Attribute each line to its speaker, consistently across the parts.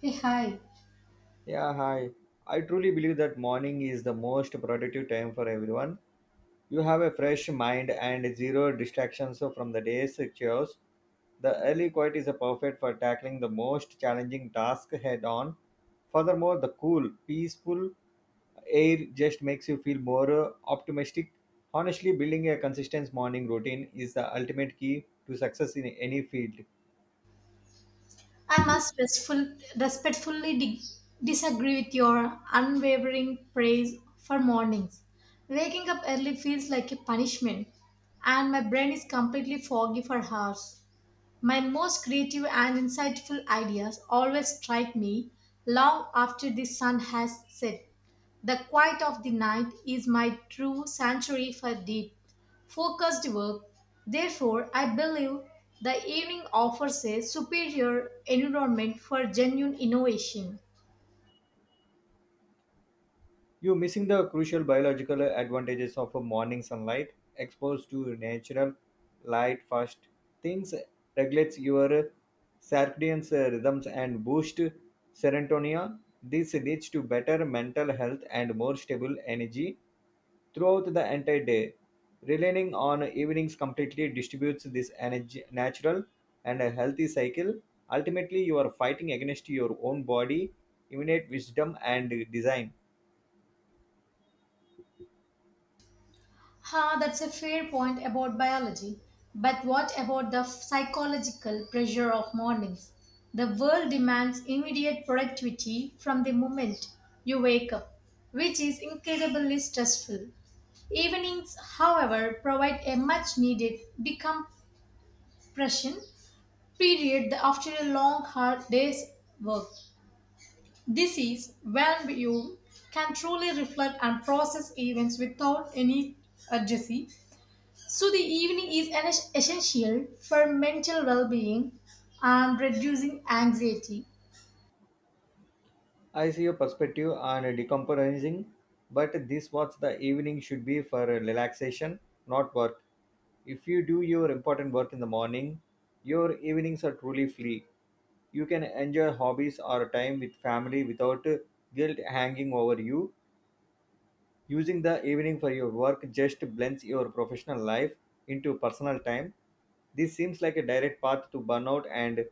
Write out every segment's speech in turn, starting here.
Speaker 1: Hey, hi.
Speaker 2: Yeah, hi. I truly believe that morning is the most productive time for everyone. You have a fresh mind and zero distractions from the day's chores. The early quiet is perfect for tackling the most challenging task head on. Furthermore, the cool, peaceful air just makes you feel more optimistic. Honestly, building a consistent morning routine is the ultimate key to success in any field.
Speaker 1: I must respectfully di- disagree with your unwavering praise for mornings. Waking up early feels like a punishment, and my brain is completely foggy for hours. My most creative and insightful ideas always strike me long after the sun has set. The quiet of the night is my true sanctuary for deep, focused work. Therefore, I believe the evening offers a superior environment for genuine innovation.
Speaker 2: You're missing the crucial biological advantages of a morning sunlight. Exposed to natural light first things regulates your circadian rhythms and boost serotonin. This leads to better mental health and more stable energy throughout the entire day. Relying on evenings completely distributes this energy natural and a healthy cycle. Ultimately, you are fighting against your own body, innate wisdom, and design.
Speaker 1: Ha, that's a fair point about biology. But what about the psychological pressure of mornings? The world demands immediate productivity from the moment you wake up, which is incredibly stressful. Evenings, however, provide a much needed decompression period after a long, hard day's work. This is when you can truly reflect and process events without any urgency, so the evening is essential for mental well-being and reducing anxiety.
Speaker 2: I see your perspective on decompressing, but this what the evening should be for relaxation, not work. If you do your important work in the morning, your evenings are truly free. You can enjoy hobbies or time with family without guilt hanging over you. Using the evening for your work just blends your professional life into personal time. This seems like a direct path to burnout and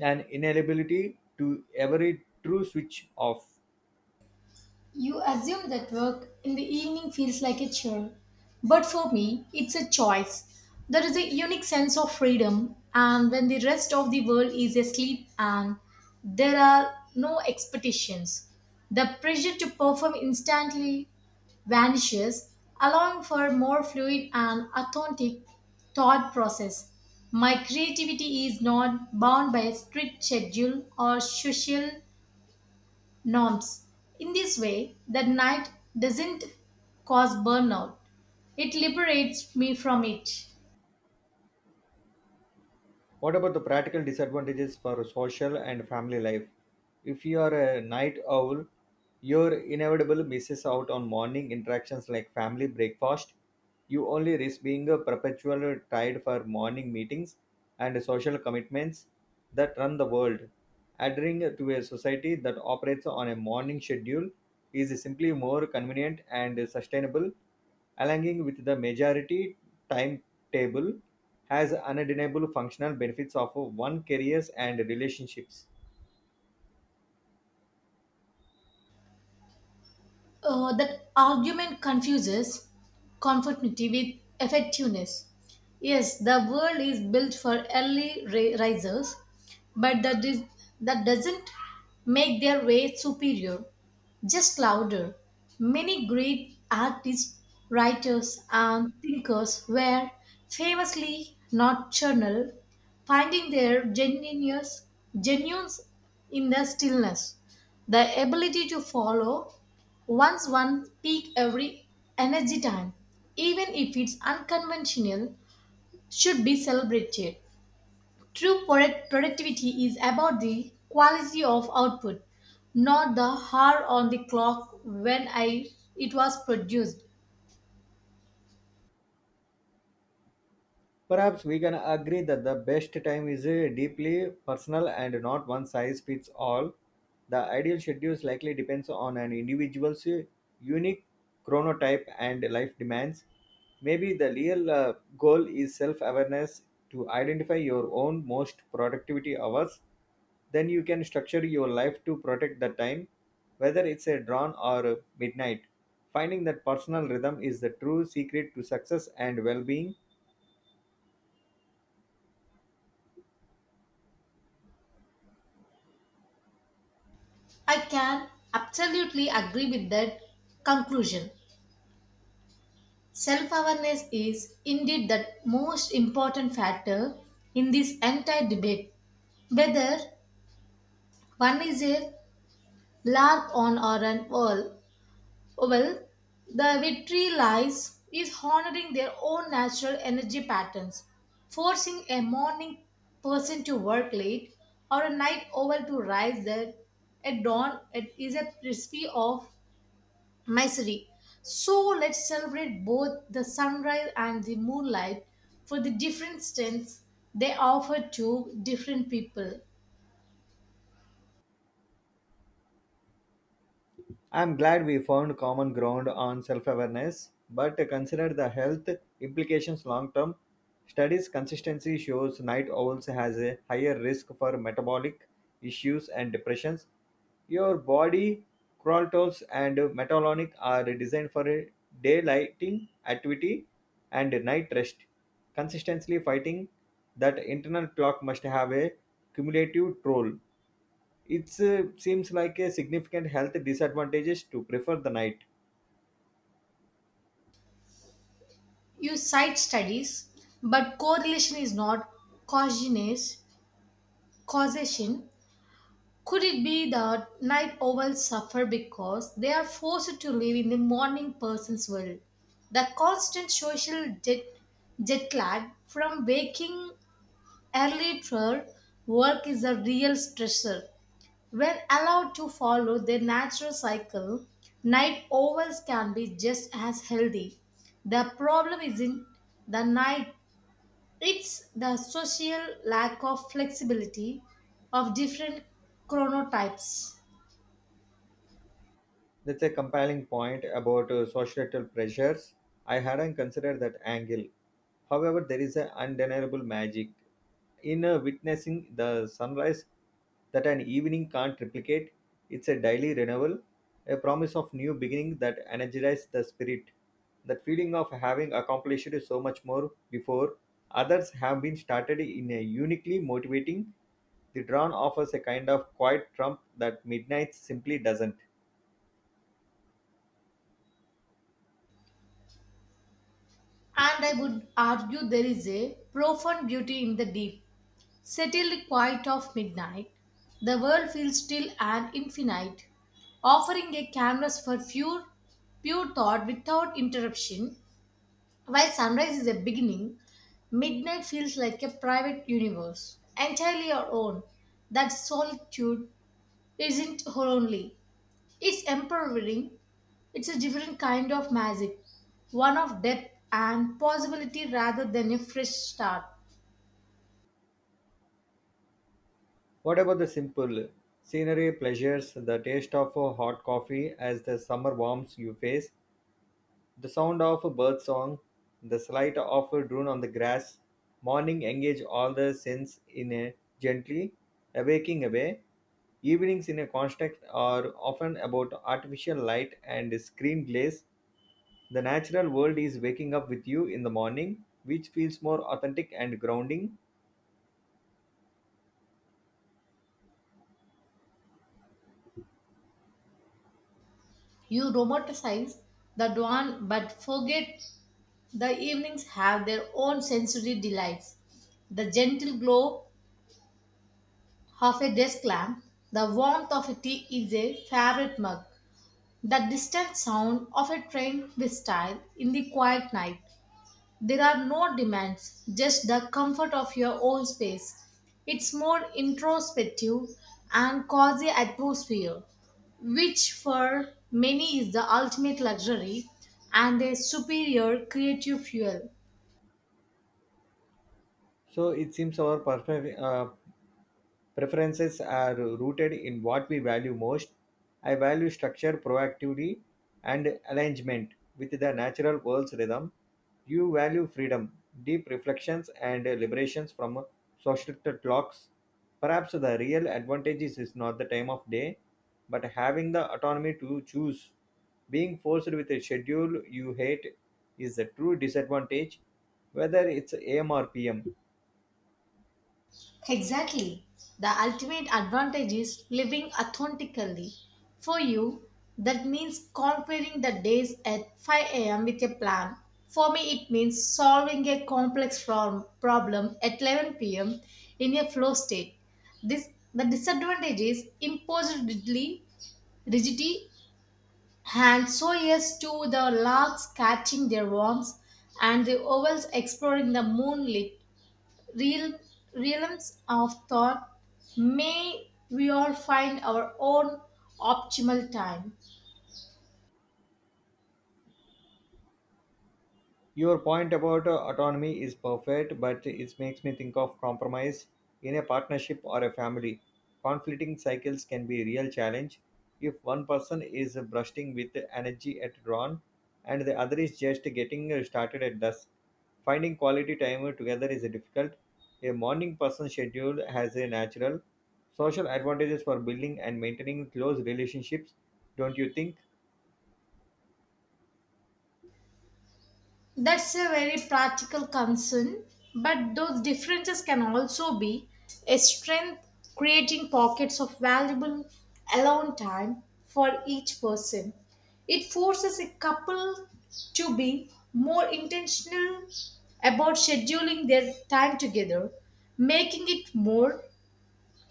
Speaker 2: an inability to every true switch off.
Speaker 1: You assume that work in the evening feels like a chore, but for me, it's a choice. There is a unique sense of freedom, and when the rest of the world is asleep and there are no expectations, the pressure to perform instantly vanishes, allowing for more fluid and authentic thought process. My creativity is not bound by a strict schedule or social norms. In this way, the night doesn't cause burnout, it liberates me from it.
Speaker 2: What about the practical disadvantages for social and family life? If you are a night owl, your inevitable misses out on morning interactions like family breakfast. You only risk being a perpetual tied for morning meetings and social commitments that run the world. Adhering to a society that operates on a morning schedule is simply more convenient and sustainable, aligning with the majority timetable has undeniable functional benefits of one careers and relationships.
Speaker 1: That argument confuses conformity with effectiveness. Yes, the world is built for early risers, but that doesn't make their way superior, just louder. Many great artists, writers, and thinkers were famously nocturnal, finding their genuines in the stillness. The ability to follow once one peak every energy time, even if it's unconventional, should be celebrated. True productivity is about the quality of output, not the hour on the clock when I it was produced.
Speaker 2: Perhaps we can agree that the best time is deeply personal and not one size fits all. The ideal schedule likely depends on an individual's unique chronotype and life demands. Maybe the real goal is self awareness to identify your own most productivity hours. Then you can structure your life to protect the time, whether it's a dawn or a midnight. Finding that personal rhythm is the true secret to success and well being.
Speaker 1: I can absolutely agree with that conclusion. Self awareness is indeed the most important factor in this entire debate. Whether one is a lark on or an owl. Well, the victory lies is honoring their own natural energy patterns, forcing a morning person to work late or a night owl to rise there at dawn. It is a recipe of misery. So let's celebrate both the sunrise and the moonlight for the different strengths they offer to different people.
Speaker 2: I'm glad we found common ground on self awareness, but consider the health implications long term. Studies consistency shows night owls has a higher risk for metabolic issues and depressions. Your body chronotypes and metabolic are designed for a daylighting activity and night rest. Consistently fighting that internal clock must have a cumulative toll. It seems like a significant health disadvantages to prefer the night.
Speaker 1: You cite studies, but correlation is not causiness- causation. Could it be that night owls suffer because they are forced to live in the morning person's world? The constant social jet lag from waking early for work is a real stressor. When allowed to follow their natural cycle, night owls can be just as healthy. The problem isn't the night, it's the social lack of flexibility of different chronotypes.
Speaker 2: That's a compelling point about societal pressures. I hadn't considered that angle. However, there is an undeniable magic in witnessing the sunrise that an evening can't replicate. It's a daily renewal, a promise of new beginning that energizes the spirit. That feeling of having accomplished so much more before others have been started in a uniquely motivating. The dawn offers a kind of quiet trump that midnight simply doesn't.
Speaker 1: And I would argue there is a profound beauty in the deep, settled quiet of midnight. The world feels still and infinite, offering a canvas for pure thought without interruption. While sunrise is a beginning, midnight feels like a private universe, entirely our own. That solitude isn't lonely, it's empowering. It's a different kind of magic, one of depth and possibility rather than a fresh start.
Speaker 2: What about the simple scenery, pleasures, the taste of a hot coffee as the summer warms your face, the sound of a bird song, the slight of a drone on the grass? Morning engage all the sense in a gently awaking away. Evenings in a construct are often about artificial light and screen glaze. The natural world is waking up with you in the morning, which feels more authentic and grounding.
Speaker 1: You romanticize the dawn but forget the evenings have their own sensory delights. The gentle glow of a desk lamp, the warmth of a tea is a favorite mug, the distant sound of a train with style in the quiet night. There are no demands, just the comfort of your own space. It's more introspective and cozy atmosphere, which for many is the ultimate luxury and a superior creative fuel.
Speaker 2: So it seems our perfect. Preferences are rooted in what we value most. I value structure, proactivity, and alignment with the natural world's rhythm. You value freedom, deep reflections, and liberations from social clocks. Perhaps the real advantage is not the time of day, but having the autonomy to choose. Being forced with a schedule you hate is a true disadvantage, whether it's AM or PM.
Speaker 1: Exactly. The ultimate advantage is living authentically. For you, that means conquering the days at 5 a.m. with a plan. For me, it means solving a complex problem at 11 p.m. in a flow state. This the disadvantage is imposed rigidity, and so yes to the larks catching their worms and the ovals exploring the moonlit real realms of thought, may we all find our own optimal time.
Speaker 2: Your point about autonomy is perfect, but it makes me think of compromise in a partnership or a family. Conflicting cycles can be a real challenge. If one person is bursting with energy at dawn and the other is just getting started at dusk, finding quality time together is difficult. A morning person schedule has a natural social advantages for building and maintaining close relationships, don't you think?
Speaker 1: That's a very practical concern, but those differences can also be a strength, creating pockets of valuable alone time for each person. It forces a couple to be more intentional about scheduling their time together, making it more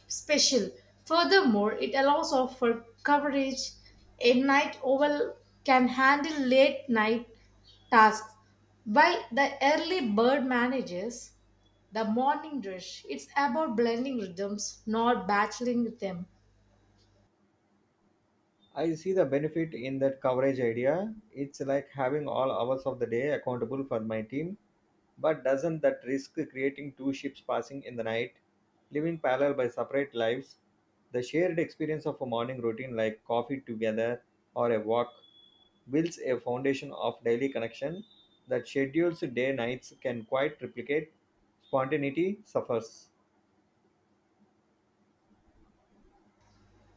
Speaker 1: special. Furthermore, it allows of for coverage. A night owl can handle late night tasks, while the early bird manages the morning rush. It's about blending rhythms, not battling with them.
Speaker 2: I see the benefit in that coverage idea. It's like having all hours of the day accountable for my team. But doesn't that risk creating two ships passing in the night, living parallel by separate lives? The shared experience of a morning routine like coffee together or a walk builds a foundation of daily connection that schedules day nights can quite replicate. Spontaneity suffers.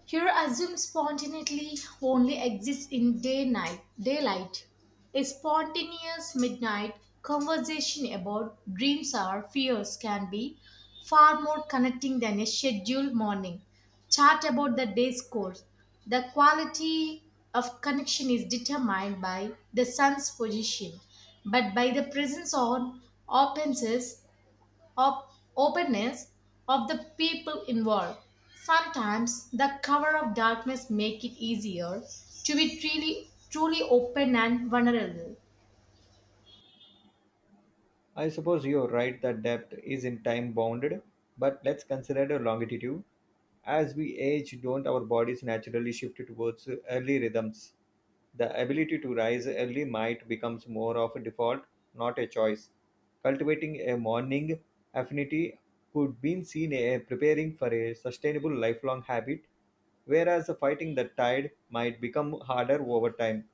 Speaker 1: Here, assume spontaneity only exists in daylight. A spontaneous midnight conversation about dreams or fears can be far more connecting than a scheduled morning. Chat about the day's course. The quality of connection is determined by the sun's position, but by the presence on opens of openness of the people involved. Sometimes the cover of darkness make it easier to be truly open and vulnerable.
Speaker 2: I suppose you're right that depth is in time bounded, but let's consider the longitude. As we age, don't our bodies naturally shift towards early rhythms? The ability to rise early might becomes more of a default, not a choice. Cultivating a morning affinity could be seen as preparing for a sustainable lifelong habit, whereas fighting the tide might become harder over time.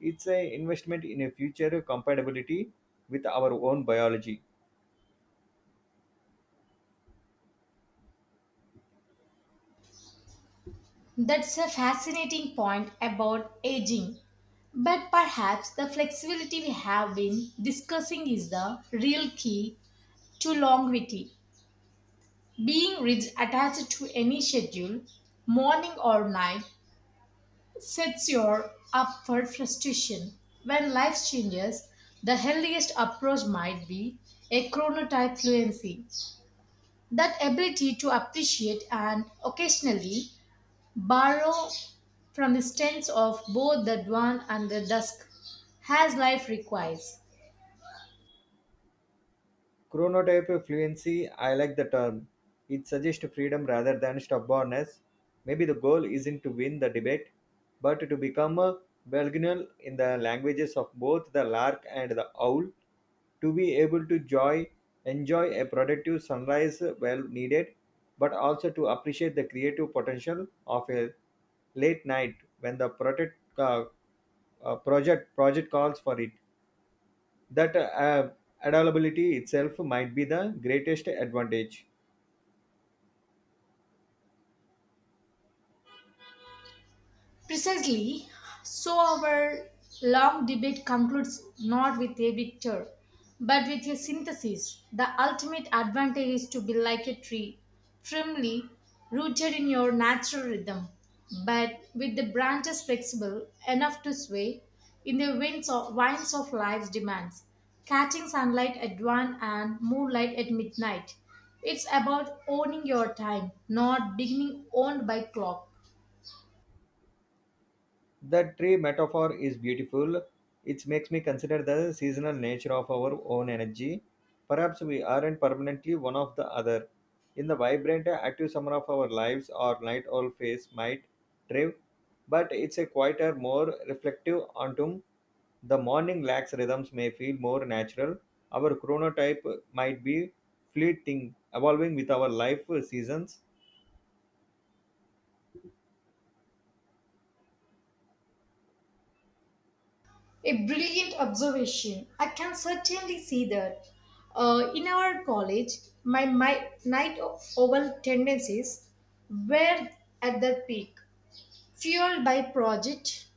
Speaker 2: It's an investment in a future compatibility with our own biology.
Speaker 1: That's a fascinating point about aging. But perhaps the flexibility we have been discussing is the real key to longevity. Being rigid attached to any schedule, morning or night, sets you up for frustration. When life changes, the healthiest approach might be a chronotype fluency, that ability to appreciate and occasionally borrow from the strengths of both the dawn and the dusk, as life requires.
Speaker 2: Chronotype fluency, I like the term. It suggests freedom rather than stubbornness. Maybe the goal isn't to win the debate, but to become a bilingual in the languages of both the lark and the owl, to be able to joy, enjoy a productive sunrise well needed, but also to appreciate the creative potential of a late night when the project calls for it that adaptability itself might be the greatest advantage.
Speaker 1: Precisely, so our long debate concludes not with a victor, but with a synthesis. The ultimate advantage is to be like a tree, firmly rooted in your natural rhythm, but with the branches flexible enough to sway in the winds of life's demands, catching sunlight at dawn and moonlight at midnight. It's about owning your time, not beginning owned by clock.
Speaker 2: The tree metaphor is beautiful. It makes me consider the seasonal nature of our own energy. Perhaps we aren't permanently one of the other. In the vibrant, active summer of our lives, our night owl face might drive, but it's a quieter, more reflective autumn. The morning lax rhythms may feel more natural. Our chronotype might be fleeting, evolving with our life seasons.
Speaker 1: A brilliant observation. I can certainly see that. In our college, my night owl tendencies were at their peak, fueled by project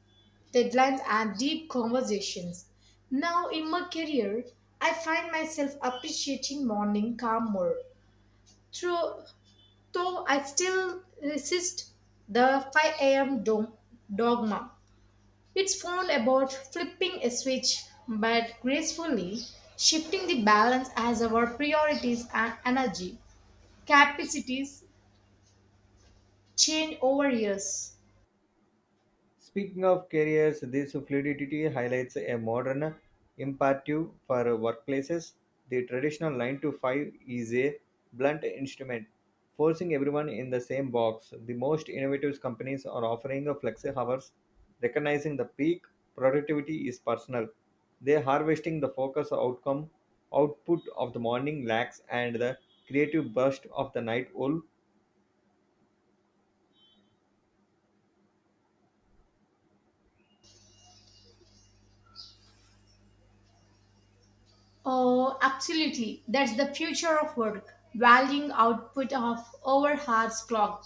Speaker 1: deadlines and deep conversations. Now, in my career, I find myself appreciating morning calm more, through, though I still resist the 5 a.m. Dogma. It's all about flipping a switch, but gracefully shifting the balance as our priorities and energy capacities change over years.
Speaker 2: Speaking of careers, this fluidity highlights a modern imperative for workplaces. The traditional 9 to 5 is a blunt instrument, forcing everyone in the same box. The most innovative companies are offering flexi hours, recognizing the peak productivity is personal. They are harvesting the focus outcome output of the morning lacks and the creative burst of the night owl.
Speaker 1: Oh, absolutely. That's the future of work. Valuing output of over hours clock.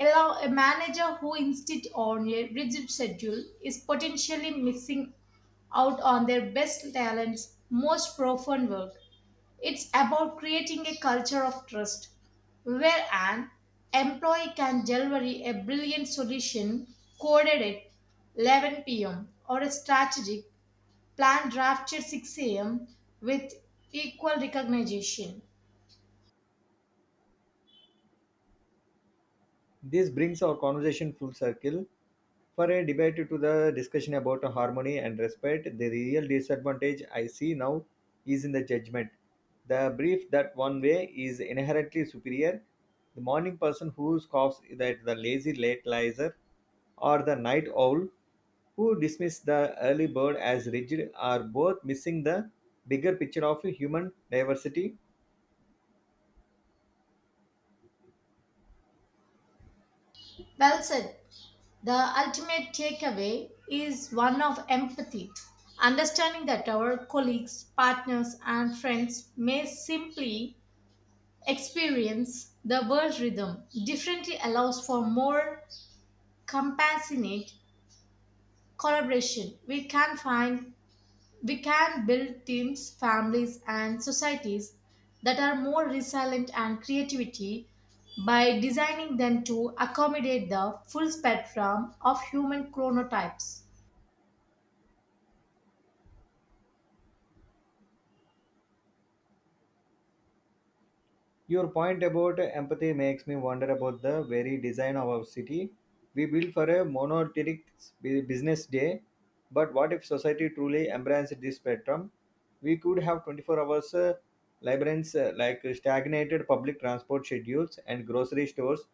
Speaker 1: Allow a manager who insists on a rigid schedule is potentially missing out on their best talents, most profound work. It's about creating a culture of trust where an employee can deliver a brilliant solution coded at 11 p.m. or a strategic plan drafted 6 a.m. with equal recognition.
Speaker 2: This brings our conversation full circle for a debate to the discussion about harmony and respect. The real disadvantage I see now is in the judgment. The belief that one way is inherently superior. The morning person who scoffs at the lazy late lizer or the night owl who dismiss the early bird as rigid are both missing the bigger picture of human diversity.
Speaker 1: Well said. The ultimate takeaway is one of empathy, understanding that our colleagues, partners, and friends may simply experience the world rhythm differently allows for more compassionate collaboration. We can find, we can build teams, families, and societies that are more resilient and creativity by designing them to accommodate the full spectrum of human chronotypes.
Speaker 2: Your point about empathy makes me wonder about the very design of our city. We built for a monolithic business day, but what if society truly embraced this spectrum? We could have 24 hours labyrinths like stagnated public transport schedules and grocery stores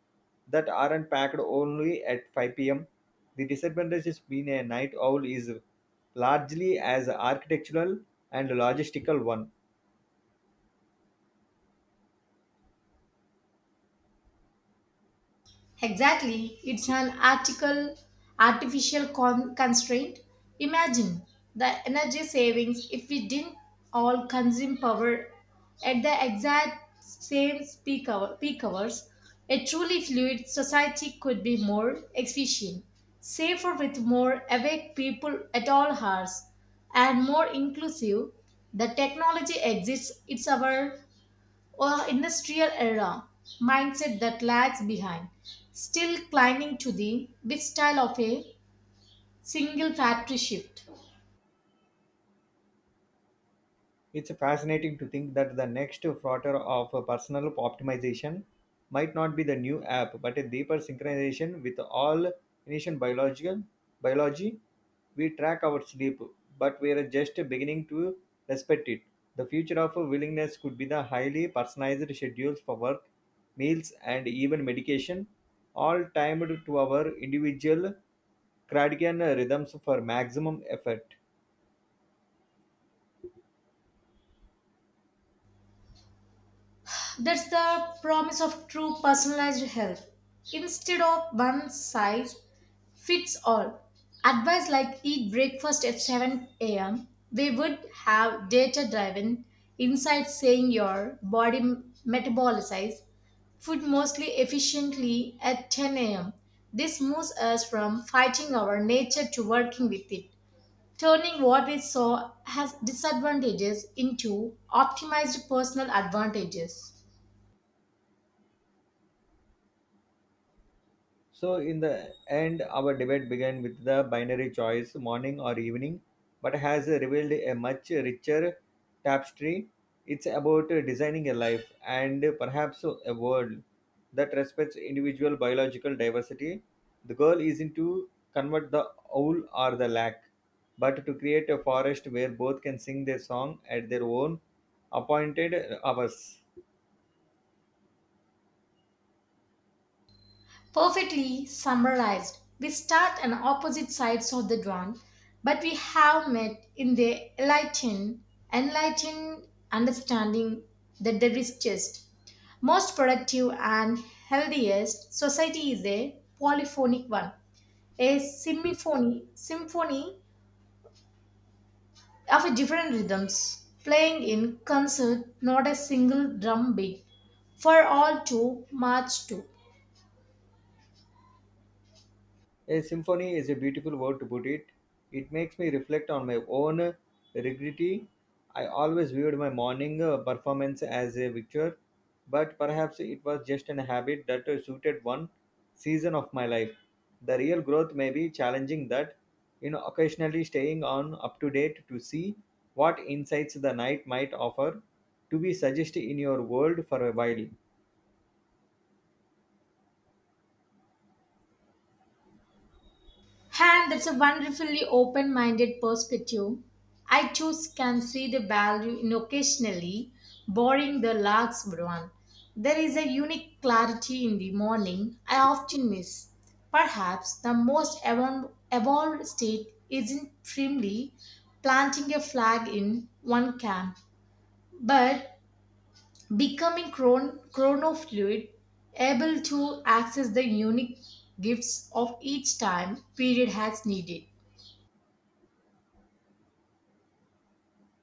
Speaker 2: that aren't packed only at 5 pm. The disadvantage is being a night owl is largely as architectural and logistical one.
Speaker 1: Exactly, it's artificial constraint. Imagine the energy savings if we didn't all consume power at the exact same peak hours. A truly fluid society could be more efficient, safer with more awake people at all hours, and more inclusive. The technology exists, it's our or industrial era mindset that lags behind, still clinging to the big style of a single factory shift.
Speaker 2: It's fascinating to think that the next frontier of personal optimization might not be the new app, but a deeper synchronization with all Initian biological biology. We track our sleep, but we are just beginning to respect it. The future of willingness could be the highly personalized schedules for work, meals, and even medication, all timed to our individual circadian rhythms for maximum effect.
Speaker 1: That's the promise of true personalized help. Instead of one size fits all, advice like eat breakfast at 7 a.m., we would have data driven insights saying your body metabolizes food mostly efficiently at 10 a.m. This moves us from fighting our nature to working with it, turning what we saw as disadvantages into optimized personal advantages.
Speaker 2: So, in the end, our debate began with the binary choice morning or evening, but has revealed a much richer tapestry. It's about designing a life and perhaps a world that respects individual biological diversity. The goal isn't to convert the owl or the lack, but to create a forest where both can sing their song at their own appointed hours.
Speaker 1: Perfectly summarized, we start on opposite sides of the dawn, but we have met in the enlightened understanding that the richest, most productive, and healthiest society is a polyphonic one, a symphony of different rhythms playing in concert, not a single drum beat, for all to march to.
Speaker 2: A symphony is a beautiful word to put it. It makes me reflect on my own regret. I always viewed my morning performance as a victory, but perhaps it was just an habit that suited one season of my life. The real growth may be challenging that, you know, occasionally staying on up to date to see what insights the night might offer to be suggested in your world for a while.
Speaker 1: And that's a wonderfully open minded perspective. I choose can see the value in occasionally borrowing the lark's one. There is a unique clarity in the morning I often miss. Perhaps the most evolved state isn't primly planting a flag in one camp, but becoming chronofluid, able to access the unique gifts of each time period has needed.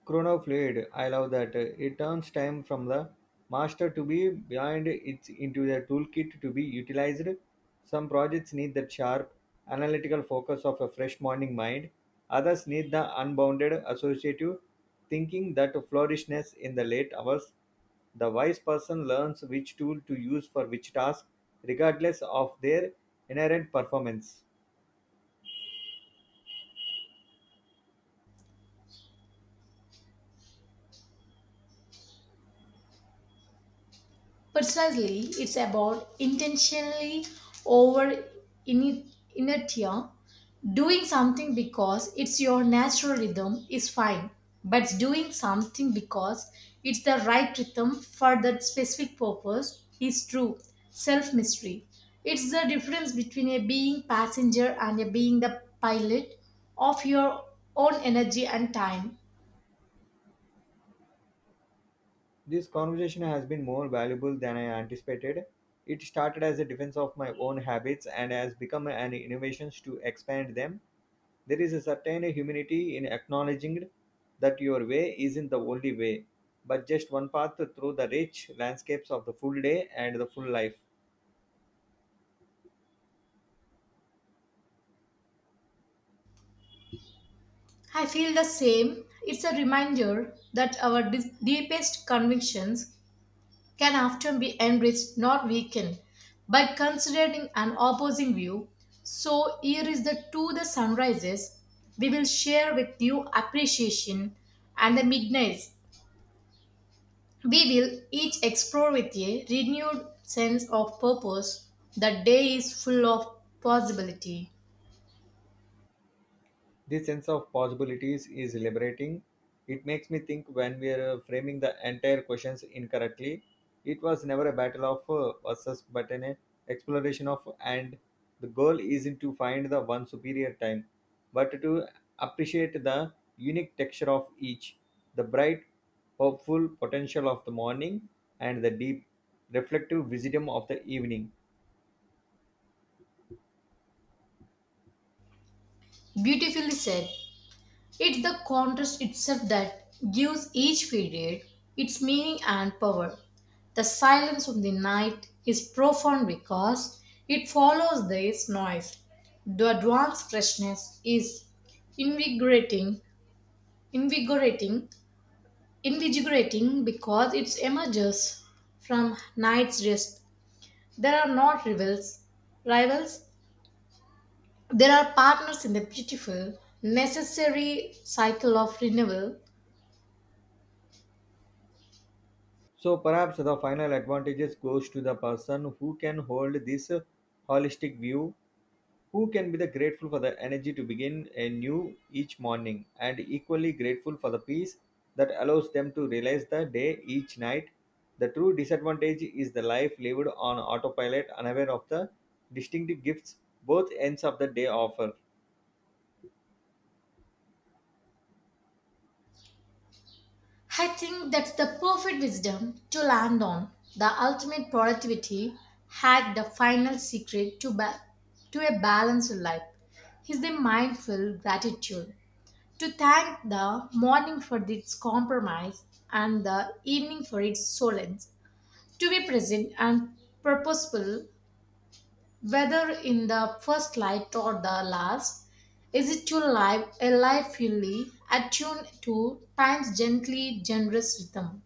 Speaker 2: Chronofluid. I love that. It turns time from the master to be behind it into the toolkit to be utilized. Some projects need that sharp, analytical focus of a fresh morning mind. Others need the unbounded associative thinking that flourishness in the late hours. The wise person learns which tool to use for which task, regardless of their inherent performance.
Speaker 1: Precisely, it's about intentionally over ini- inertia. Doing something because it's your natural rhythm is fine, but doing something because it's the right rhythm for that specific purpose is true self mystery. It's the difference between a being passenger and a being the pilot of your own energy and time.
Speaker 2: This conversation has been more valuable than I anticipated. It started as a defense of my own habits and has become an innovation to expand them. There is a certain humanity in acknowledging that your way isn't the only way, but just one path through the rich landscapes of the full day and the full life.
Speaker 1: I feel the same. It's a reminder that our deepest convictions can often be enriched, not weakened, by considering an opposing view. So, here is the two the sunrises. We will share with you appreciation and the midnights. We will each explore with a renewed sense of purpose. The day is full of possibility.
Speaker 2: This sense of possibilities is liberating. It makes me think when we are framing the entire questions incorrectly, it was never a battle of versus, but an exploration of and. The goal isn't to find the one superior time, but to appreciate the unique texture of each, the bright, hopeful potential of the morning, and the deep, reflective wisdom of the evening.
Speaker 1: Beautifully said. It's the contrast itself that gives each period its meaning and power. The silence of the night is profound because it follows this noise. The advanced freshness is invigorating, invigorating, invigorating because it emerges from night's rest. There are not rivals. There are partners in the beautiful, necessary cycle of renewal.
Speaker 2: So perhaps the final advantages goes to the person who can hold this holistic view, who can be the grateful for the energy to begin anew each morning and equally grateful for the peace that allows them to realize the day each night. The true disadvantage is the life lived on autopilot unaware of the distinctive gifts both ends of the day offer.
Speaker 1: I think that's the perfect wisdom to land on. The ultimate productivity hack, the final secret to a balanced life, is the mindful gratitude. To thank the morning for its compromise and the evening for its solace. To be present and purposeful, whether in the first light or the last. Is it to live a life fully attuned to time's gently generous rhythm?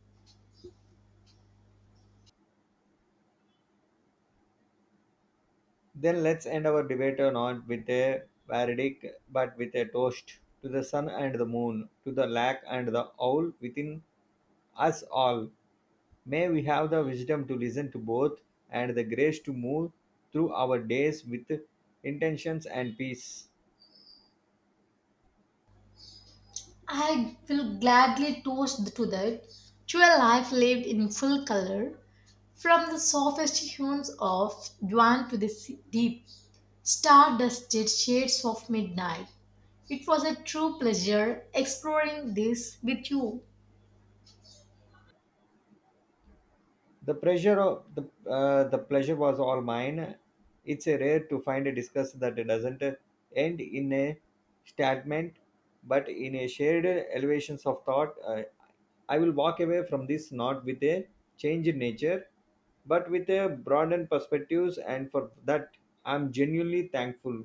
Speaker 2: Then let's end our debate or not with a verdict, but with a toast to the sun and the moon, to the lack and the owl within us all. May we have the wisdom to listen to both and the grace to move through our days with intentions and peace.
Speaker 1: I will gladly toast to that, to a life lived in full color, from the softest hues of dawn to the deep, star dusted shades of midnight. It was a true pleasure exploring this with you.
Speaker 2: The pressure of the pleasure was all mine. It's a rare to find a discuss that doesn't end in a statement, but in a shared elevations of thought. I will walk away from this not with a change in nature, but with a broadened perspectives, and for that I'm genuinely thankful.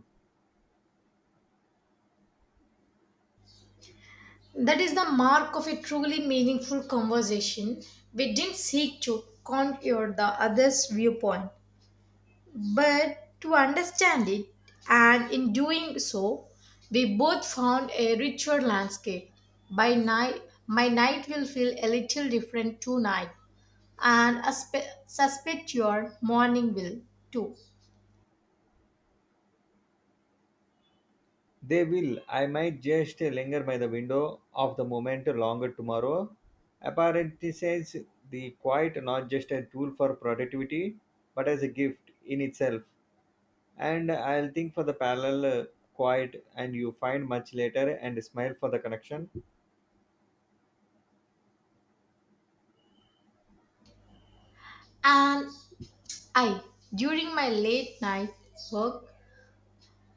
Speaker 1: That is the mark of a truly meaningful conversation. We didn't seek to conquer the other's viewpoint, but to understand it, and in doing so, we both found a richer landscape. By night, my night will feel a little different tonight, and I suspect your morning will too.
Speaker 2: They will. I might just linger by the window of the moment longer tomorrow. Apparently says the quiet not just a tool for productivity, but as a gift in itself. And I'll think for the parallel quiet and you find much later and smile for the connection.
Speaker 1: And I, during my late night work,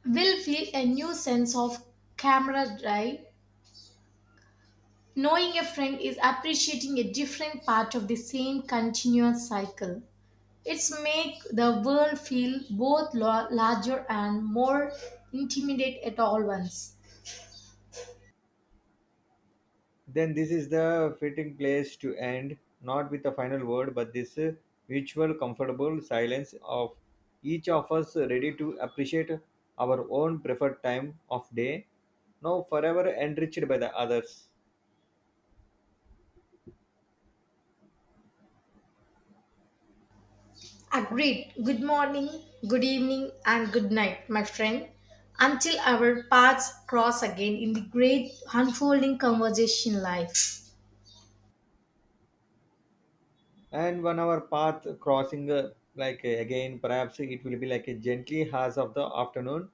Speaker 1: will feel a new sense of camaraderie, knowing a friend is appreciating a different part of the same continuous cycle. It's make the world feel both larger and more intimate at all once.
Speaker 2: Then this is the fitting place to end, not with a final word, but this mutual comfortable silence of each of us ready to appreciate our own preferred time of day, now forever enriched by the others.
Speaker 1: Agreed. Good morning, good evening, and good night, my friend. Until our paths cross again in the great unfolding conversation life.
Speaker 2: And when our path crossing, again, perhaps it will be like a gently haze of the afternoon,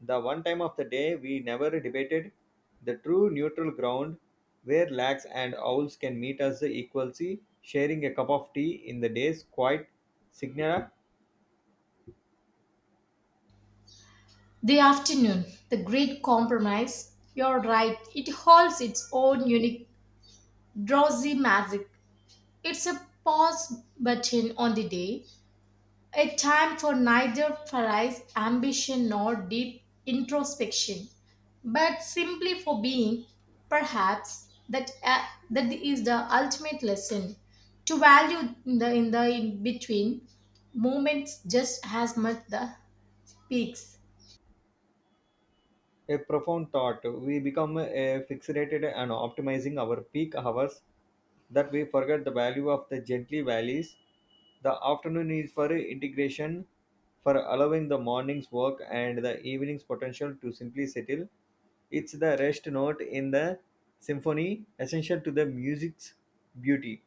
Speaker 2: the one time of the day we never debated, the true neutral ground where laks and owls can meet as the equalcy, sharing a cup of tea in the day's quiet signal
Speaker 1: The afternoon, the great compromise. You're right, it holds its own unique, drowsy magic. It's a pause button on the day, a time for neither prize, ambition, nor deep introspection, but simply for being. Perhaps that is the ultimate lesson to value in the in between moments just as much the peaks.
Speaker 2: a profound thought. We become a fixated and optimizing our peak hours that we forget the value of the gently valleys. The afternoon is for integration, for allowing the morning's work and the evening's potential to simply settle. It's the rest note in the symphony, essential to the music's beauty.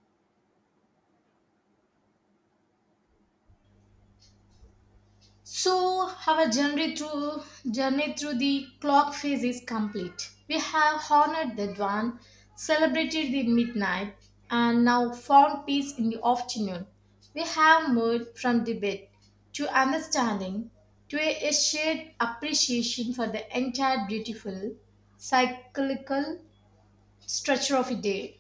Speaker 1: So our journey through the clock phase is complete. We have honored the dawn, celebrated the midnight, and now found peace in the afternoon. We have moved from debate to understanding to a shared appreciation for the entire beautiful cyclical structure of a day.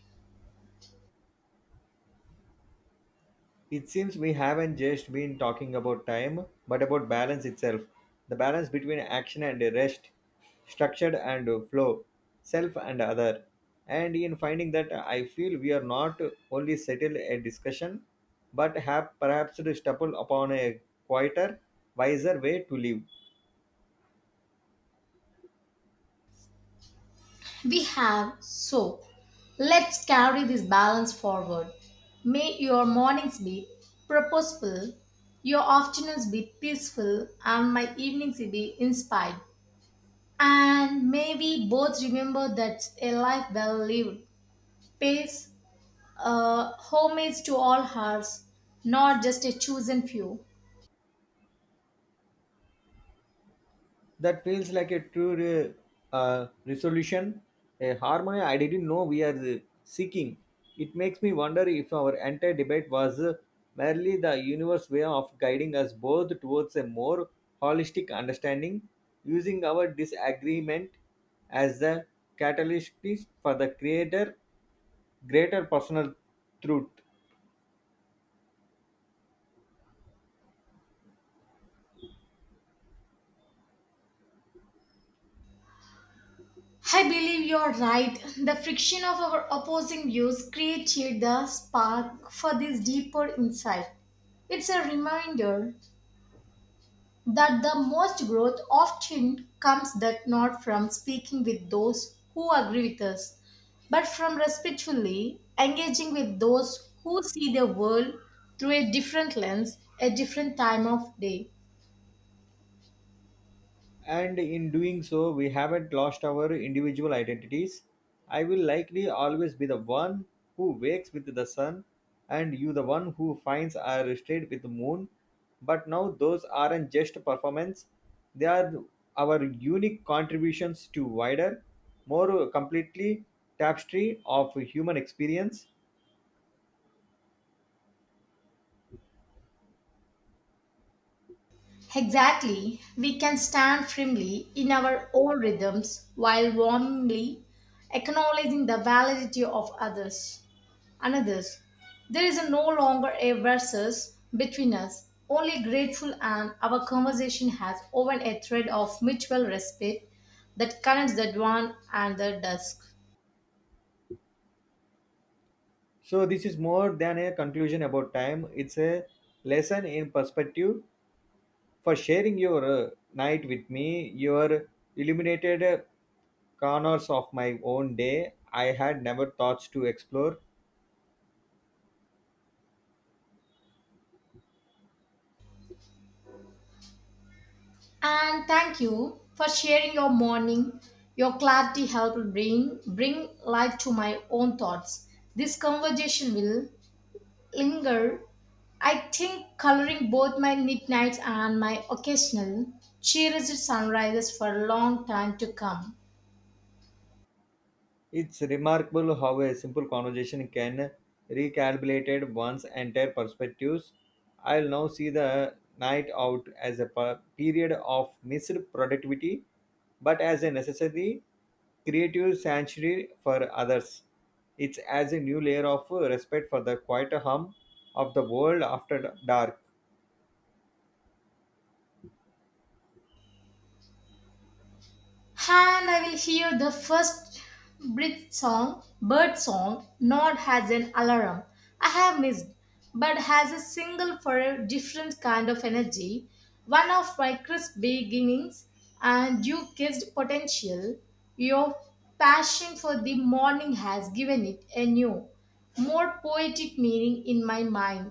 Speaker 2: It seems we haven't just been talking about time, but about balance itself. The balance between action and rest, structured and flow, self and other. And in finding that, I feel we are not only settled a discussion, but have perhaps stumbled upon a quieter, wiser way to live.
Speaker 1: We have, so let's carry this balance forward. May your mornings be purposeful, your afternoons be peaceful, and my evenings be inspired. And may we both remember that a life well lived pays homage to all hearts, not just a chosen few.
Speaker 2: That feels like a true resolution, a harmony I didn't know we are seeking. It makes me wonder if our entire debate was merely the universe way of guiding us both towards a more holistic understanding, using our disagreement as the catalyst for the creator greater personal truth.
Speaker 1: I believe you're right. The friction of our opposing views created the spark for this deeper insight. It's a reminder that the most growth often comes that not from speaking with those who agree with us, but from respectfully engaging with those who see the world through a different lens, a different time of day.
Speaker 2: And in doing so we haven't lost our individual identities. I will likely always be the one who wakes with the sun and you the one who finds are stayed with the moon, but now those aren't just performance, they are our unique contributions to wider more completely tapestry of human experience.
Speaker 1: Exactly. We can stand firmly in our own rhythms while warmly acknowledging the validity of others. Another's. There is no longer a versus between us, only grateful, and our conversation has woven a thread of mutual respect that connects the dawn and the dusk.
Speaker 2: So this is more than a conclusion about time, it's a lesson in perspective for sharing your night with me. Your illuminated corners of my own day I had never thought to explore.
Speaker 1: And thank you for sharing your morning. Your clarity helped bring light to my own thoughts. This conversation will linger, I think coloring both my midnights and my occasional cherished sunrises for a long time to come.
Speaker 2: It's remarkable how a simple conversation can recalibrate one's entire perspectives. I'll now see the night out as a period of missed productivity, but as a necessary creative sanctuary for others. It's as a new layer of respect for the quiet hum of the world after dark.
Speaker 1: And I will hear the first bird song, not as an alarm I have missed, but as a single for a different kind of energy, one of my crisp beginnings, and you kissed potential. Your passion for the morning has given it a new, more poetic meaning in my mind.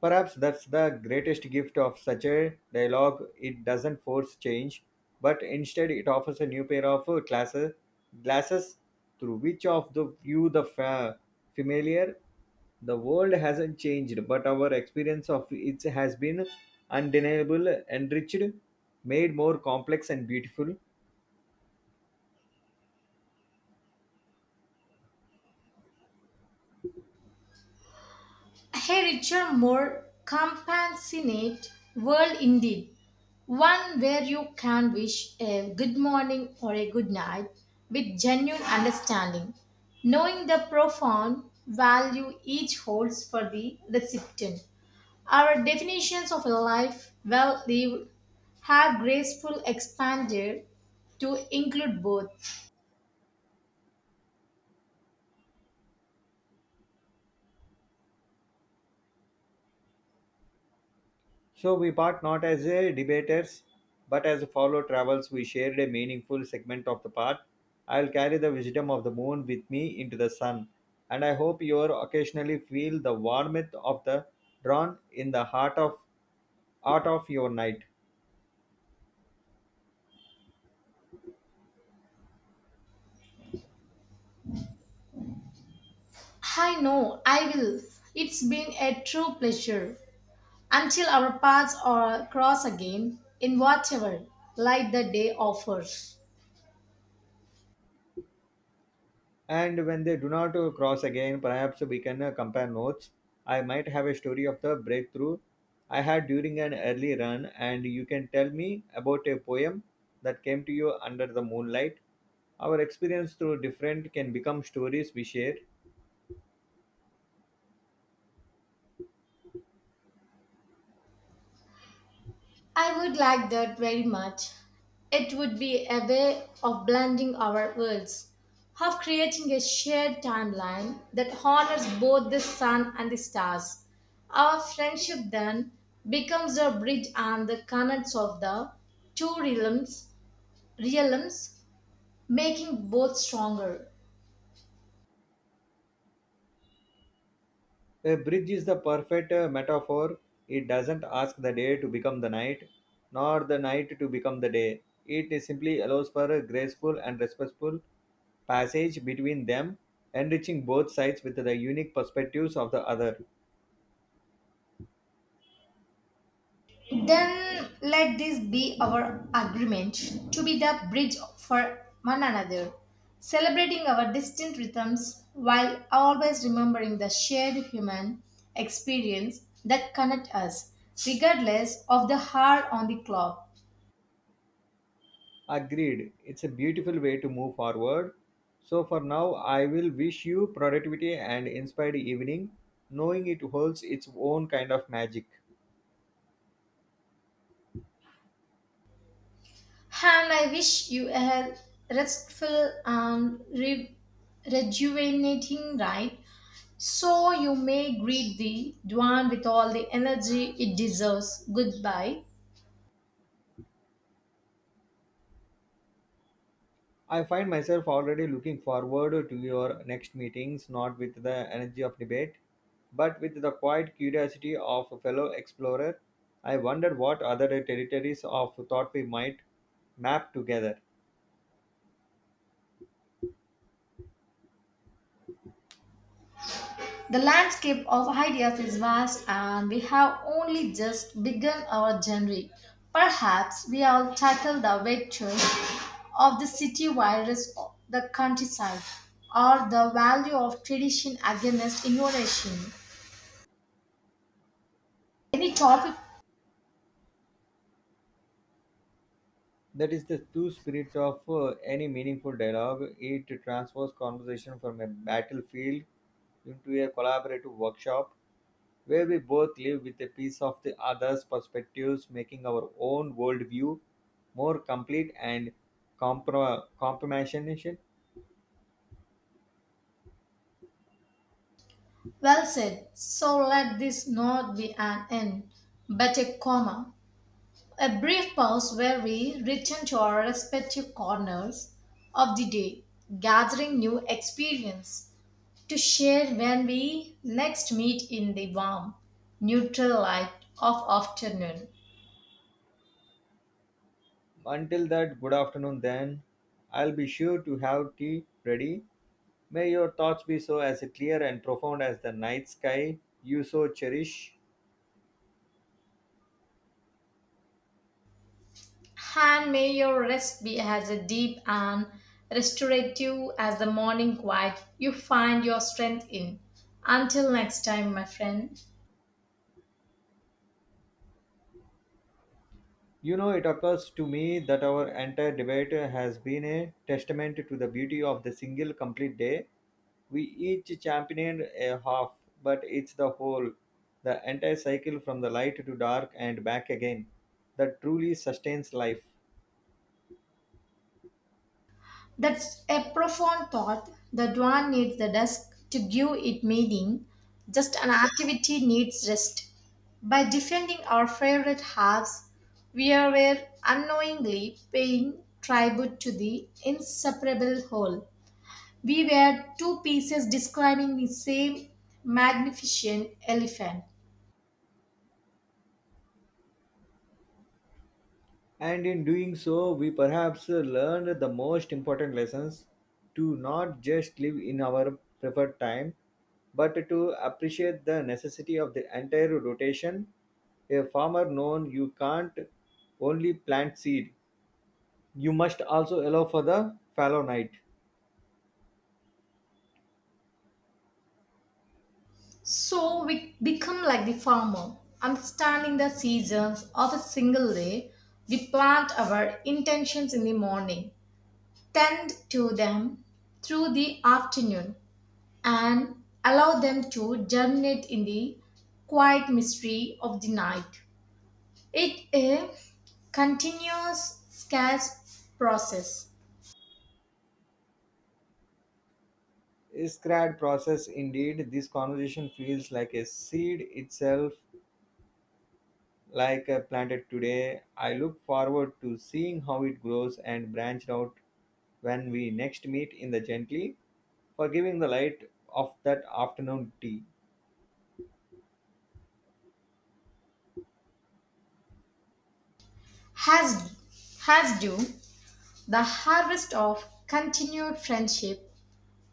Speaker 2: Perhaps that's the greatest gift of such a dialogue. It doesn't force change, but instead it offers a new pair of glasses through which of the view the familiar. The world hasn't changed, but our experience of it has been undeniable, enriched, made more complex and beautiful.
Speaker 1: A richer, more compassionate world indeed. One where you can wish a good morning or a good night with genuine understanding, knowing the profound value each holds for the recipient. Our definitions of a life well lived have graceful expanded to include both.
Speaker 2: So we part not as a debaters, but as a fellow travels. We shared a meaningful segment of the path. I'll carry the wisdom of the moon with me into the sun, and I hope you occasionally feel the warmth of the drawn in the heart of your night.
Speaker 1: I know I will. It's been a true pleasure. Until our paths are cross again in whatever light the day offers.
Speaker 2: And when they do not cross again, perhaps we can compare notes. I might have a story of the breakthrough I had during an early run and you can tell me about a poem that came to you under the moonlight. Our experience through different can become stories we share.
Speaker 1: I would like that very much. It would be a way of blending our worlds, of creating a shared timeline that honors both the sun and the stars. Our friendship then becomes a bridge and the connects of the two realms, realms making both stronger.
Speaker 2: A bridge is the perfect metaphor. It doesn't ask the day to become the night, nor the night to become the day. It simply allows for a graceful and respectful passage between them, enriching both sides with the unique perspectives of the other.
Speaker 1: Then let this be our agreement to be the bridge for one another, celebrating our distinct rhythms while always remembering the shared human experience that connect us, regardless of the hour on the clock.
Speaker 2: Agreed. It's a beautiful way to move forward. So for now, I will wish you productivity and inspired evening, knowing it holds its own kind of magic.
Speaker 1: And I wish you a restful and rejuvenating night, so you may greet the dawn with all the energy it deserves. Goodbye.
Speaker 2: I find myself already looking forward to your next meetings, not with the energy of debate, but with the quiet curiosity of a fellow explorer. I wondered what other territories of thought we might map together.
Speaker 1: The landscape of ideas is vast and we have only just begun our journey. Perhaps we all tackle the virtues of the city virus, the countryside, or the value of tradition against innovation. Any topic?
Speaker 2: That is the true spirit of any meaningful dialogue. It transfers conversation from a battlefield into a collaborative workshop where we both live with a piece of the other's perspectives, making our own worldview more complete and compassionate.
Speaker 1: Well said. So let this not be an end, but a comma. A brief pause where we return to our respective corners of the day, gathering new experience to share when we next meet in the warm, neutral light of afternoon.
Speaker 2: Until that, good afternoon then. I'll be sure to have tea ready. May your thoughts be so as clear and profound as the night sky you so cherish.
Speaker 1: And may your rest be as deep and restorative as the morning quiet you find your strength in. Until next time, my friend.
Speaker 2: You know, it occurs to me that our entire debate has been a testament to the beauty of the single complete day. We each championed a half, but it's the whole, the entire cycle from the light to dark and back again, that truly sustains life.
Speaker 1: That's a profound thought. The dawn needs the dusk to give it meaning. Just an activity needs rest. By defending our favorite halves, we are were unknowingly paying tribute to the inseparable whole. We were two pieces describing the same magnificent elephant.
Speaker 2: And in doing so, we perhaps learned the most important lessons to not just live in our preferred time, but to appreciate the necessity of the entire rotation. A farmer known you can't only plant seed, you must also allow for the fallow night.
Speaker 1: So we become like the farmer, understanding the seasons of a single day. We plant our intentions in the morning, tend to them through the afternoon, and allow them to germinate in the quiet mystery of the night. It a continuous scarce process
Speaker 2: Is crad process indeed this conversation feels like a seed itself like a planted today. I look forward to seeing how it grows and branched out when we next meet in the gently, forgiving the light of that afternoon tea.
Speaker 1: has has due the harvest of continued friendship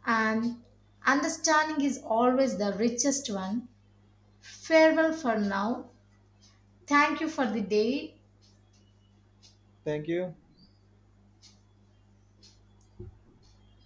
Speaker 1: and understanding is always the richest one. Farewell for now. Thank you for the day.
Speaker 2: Thank you.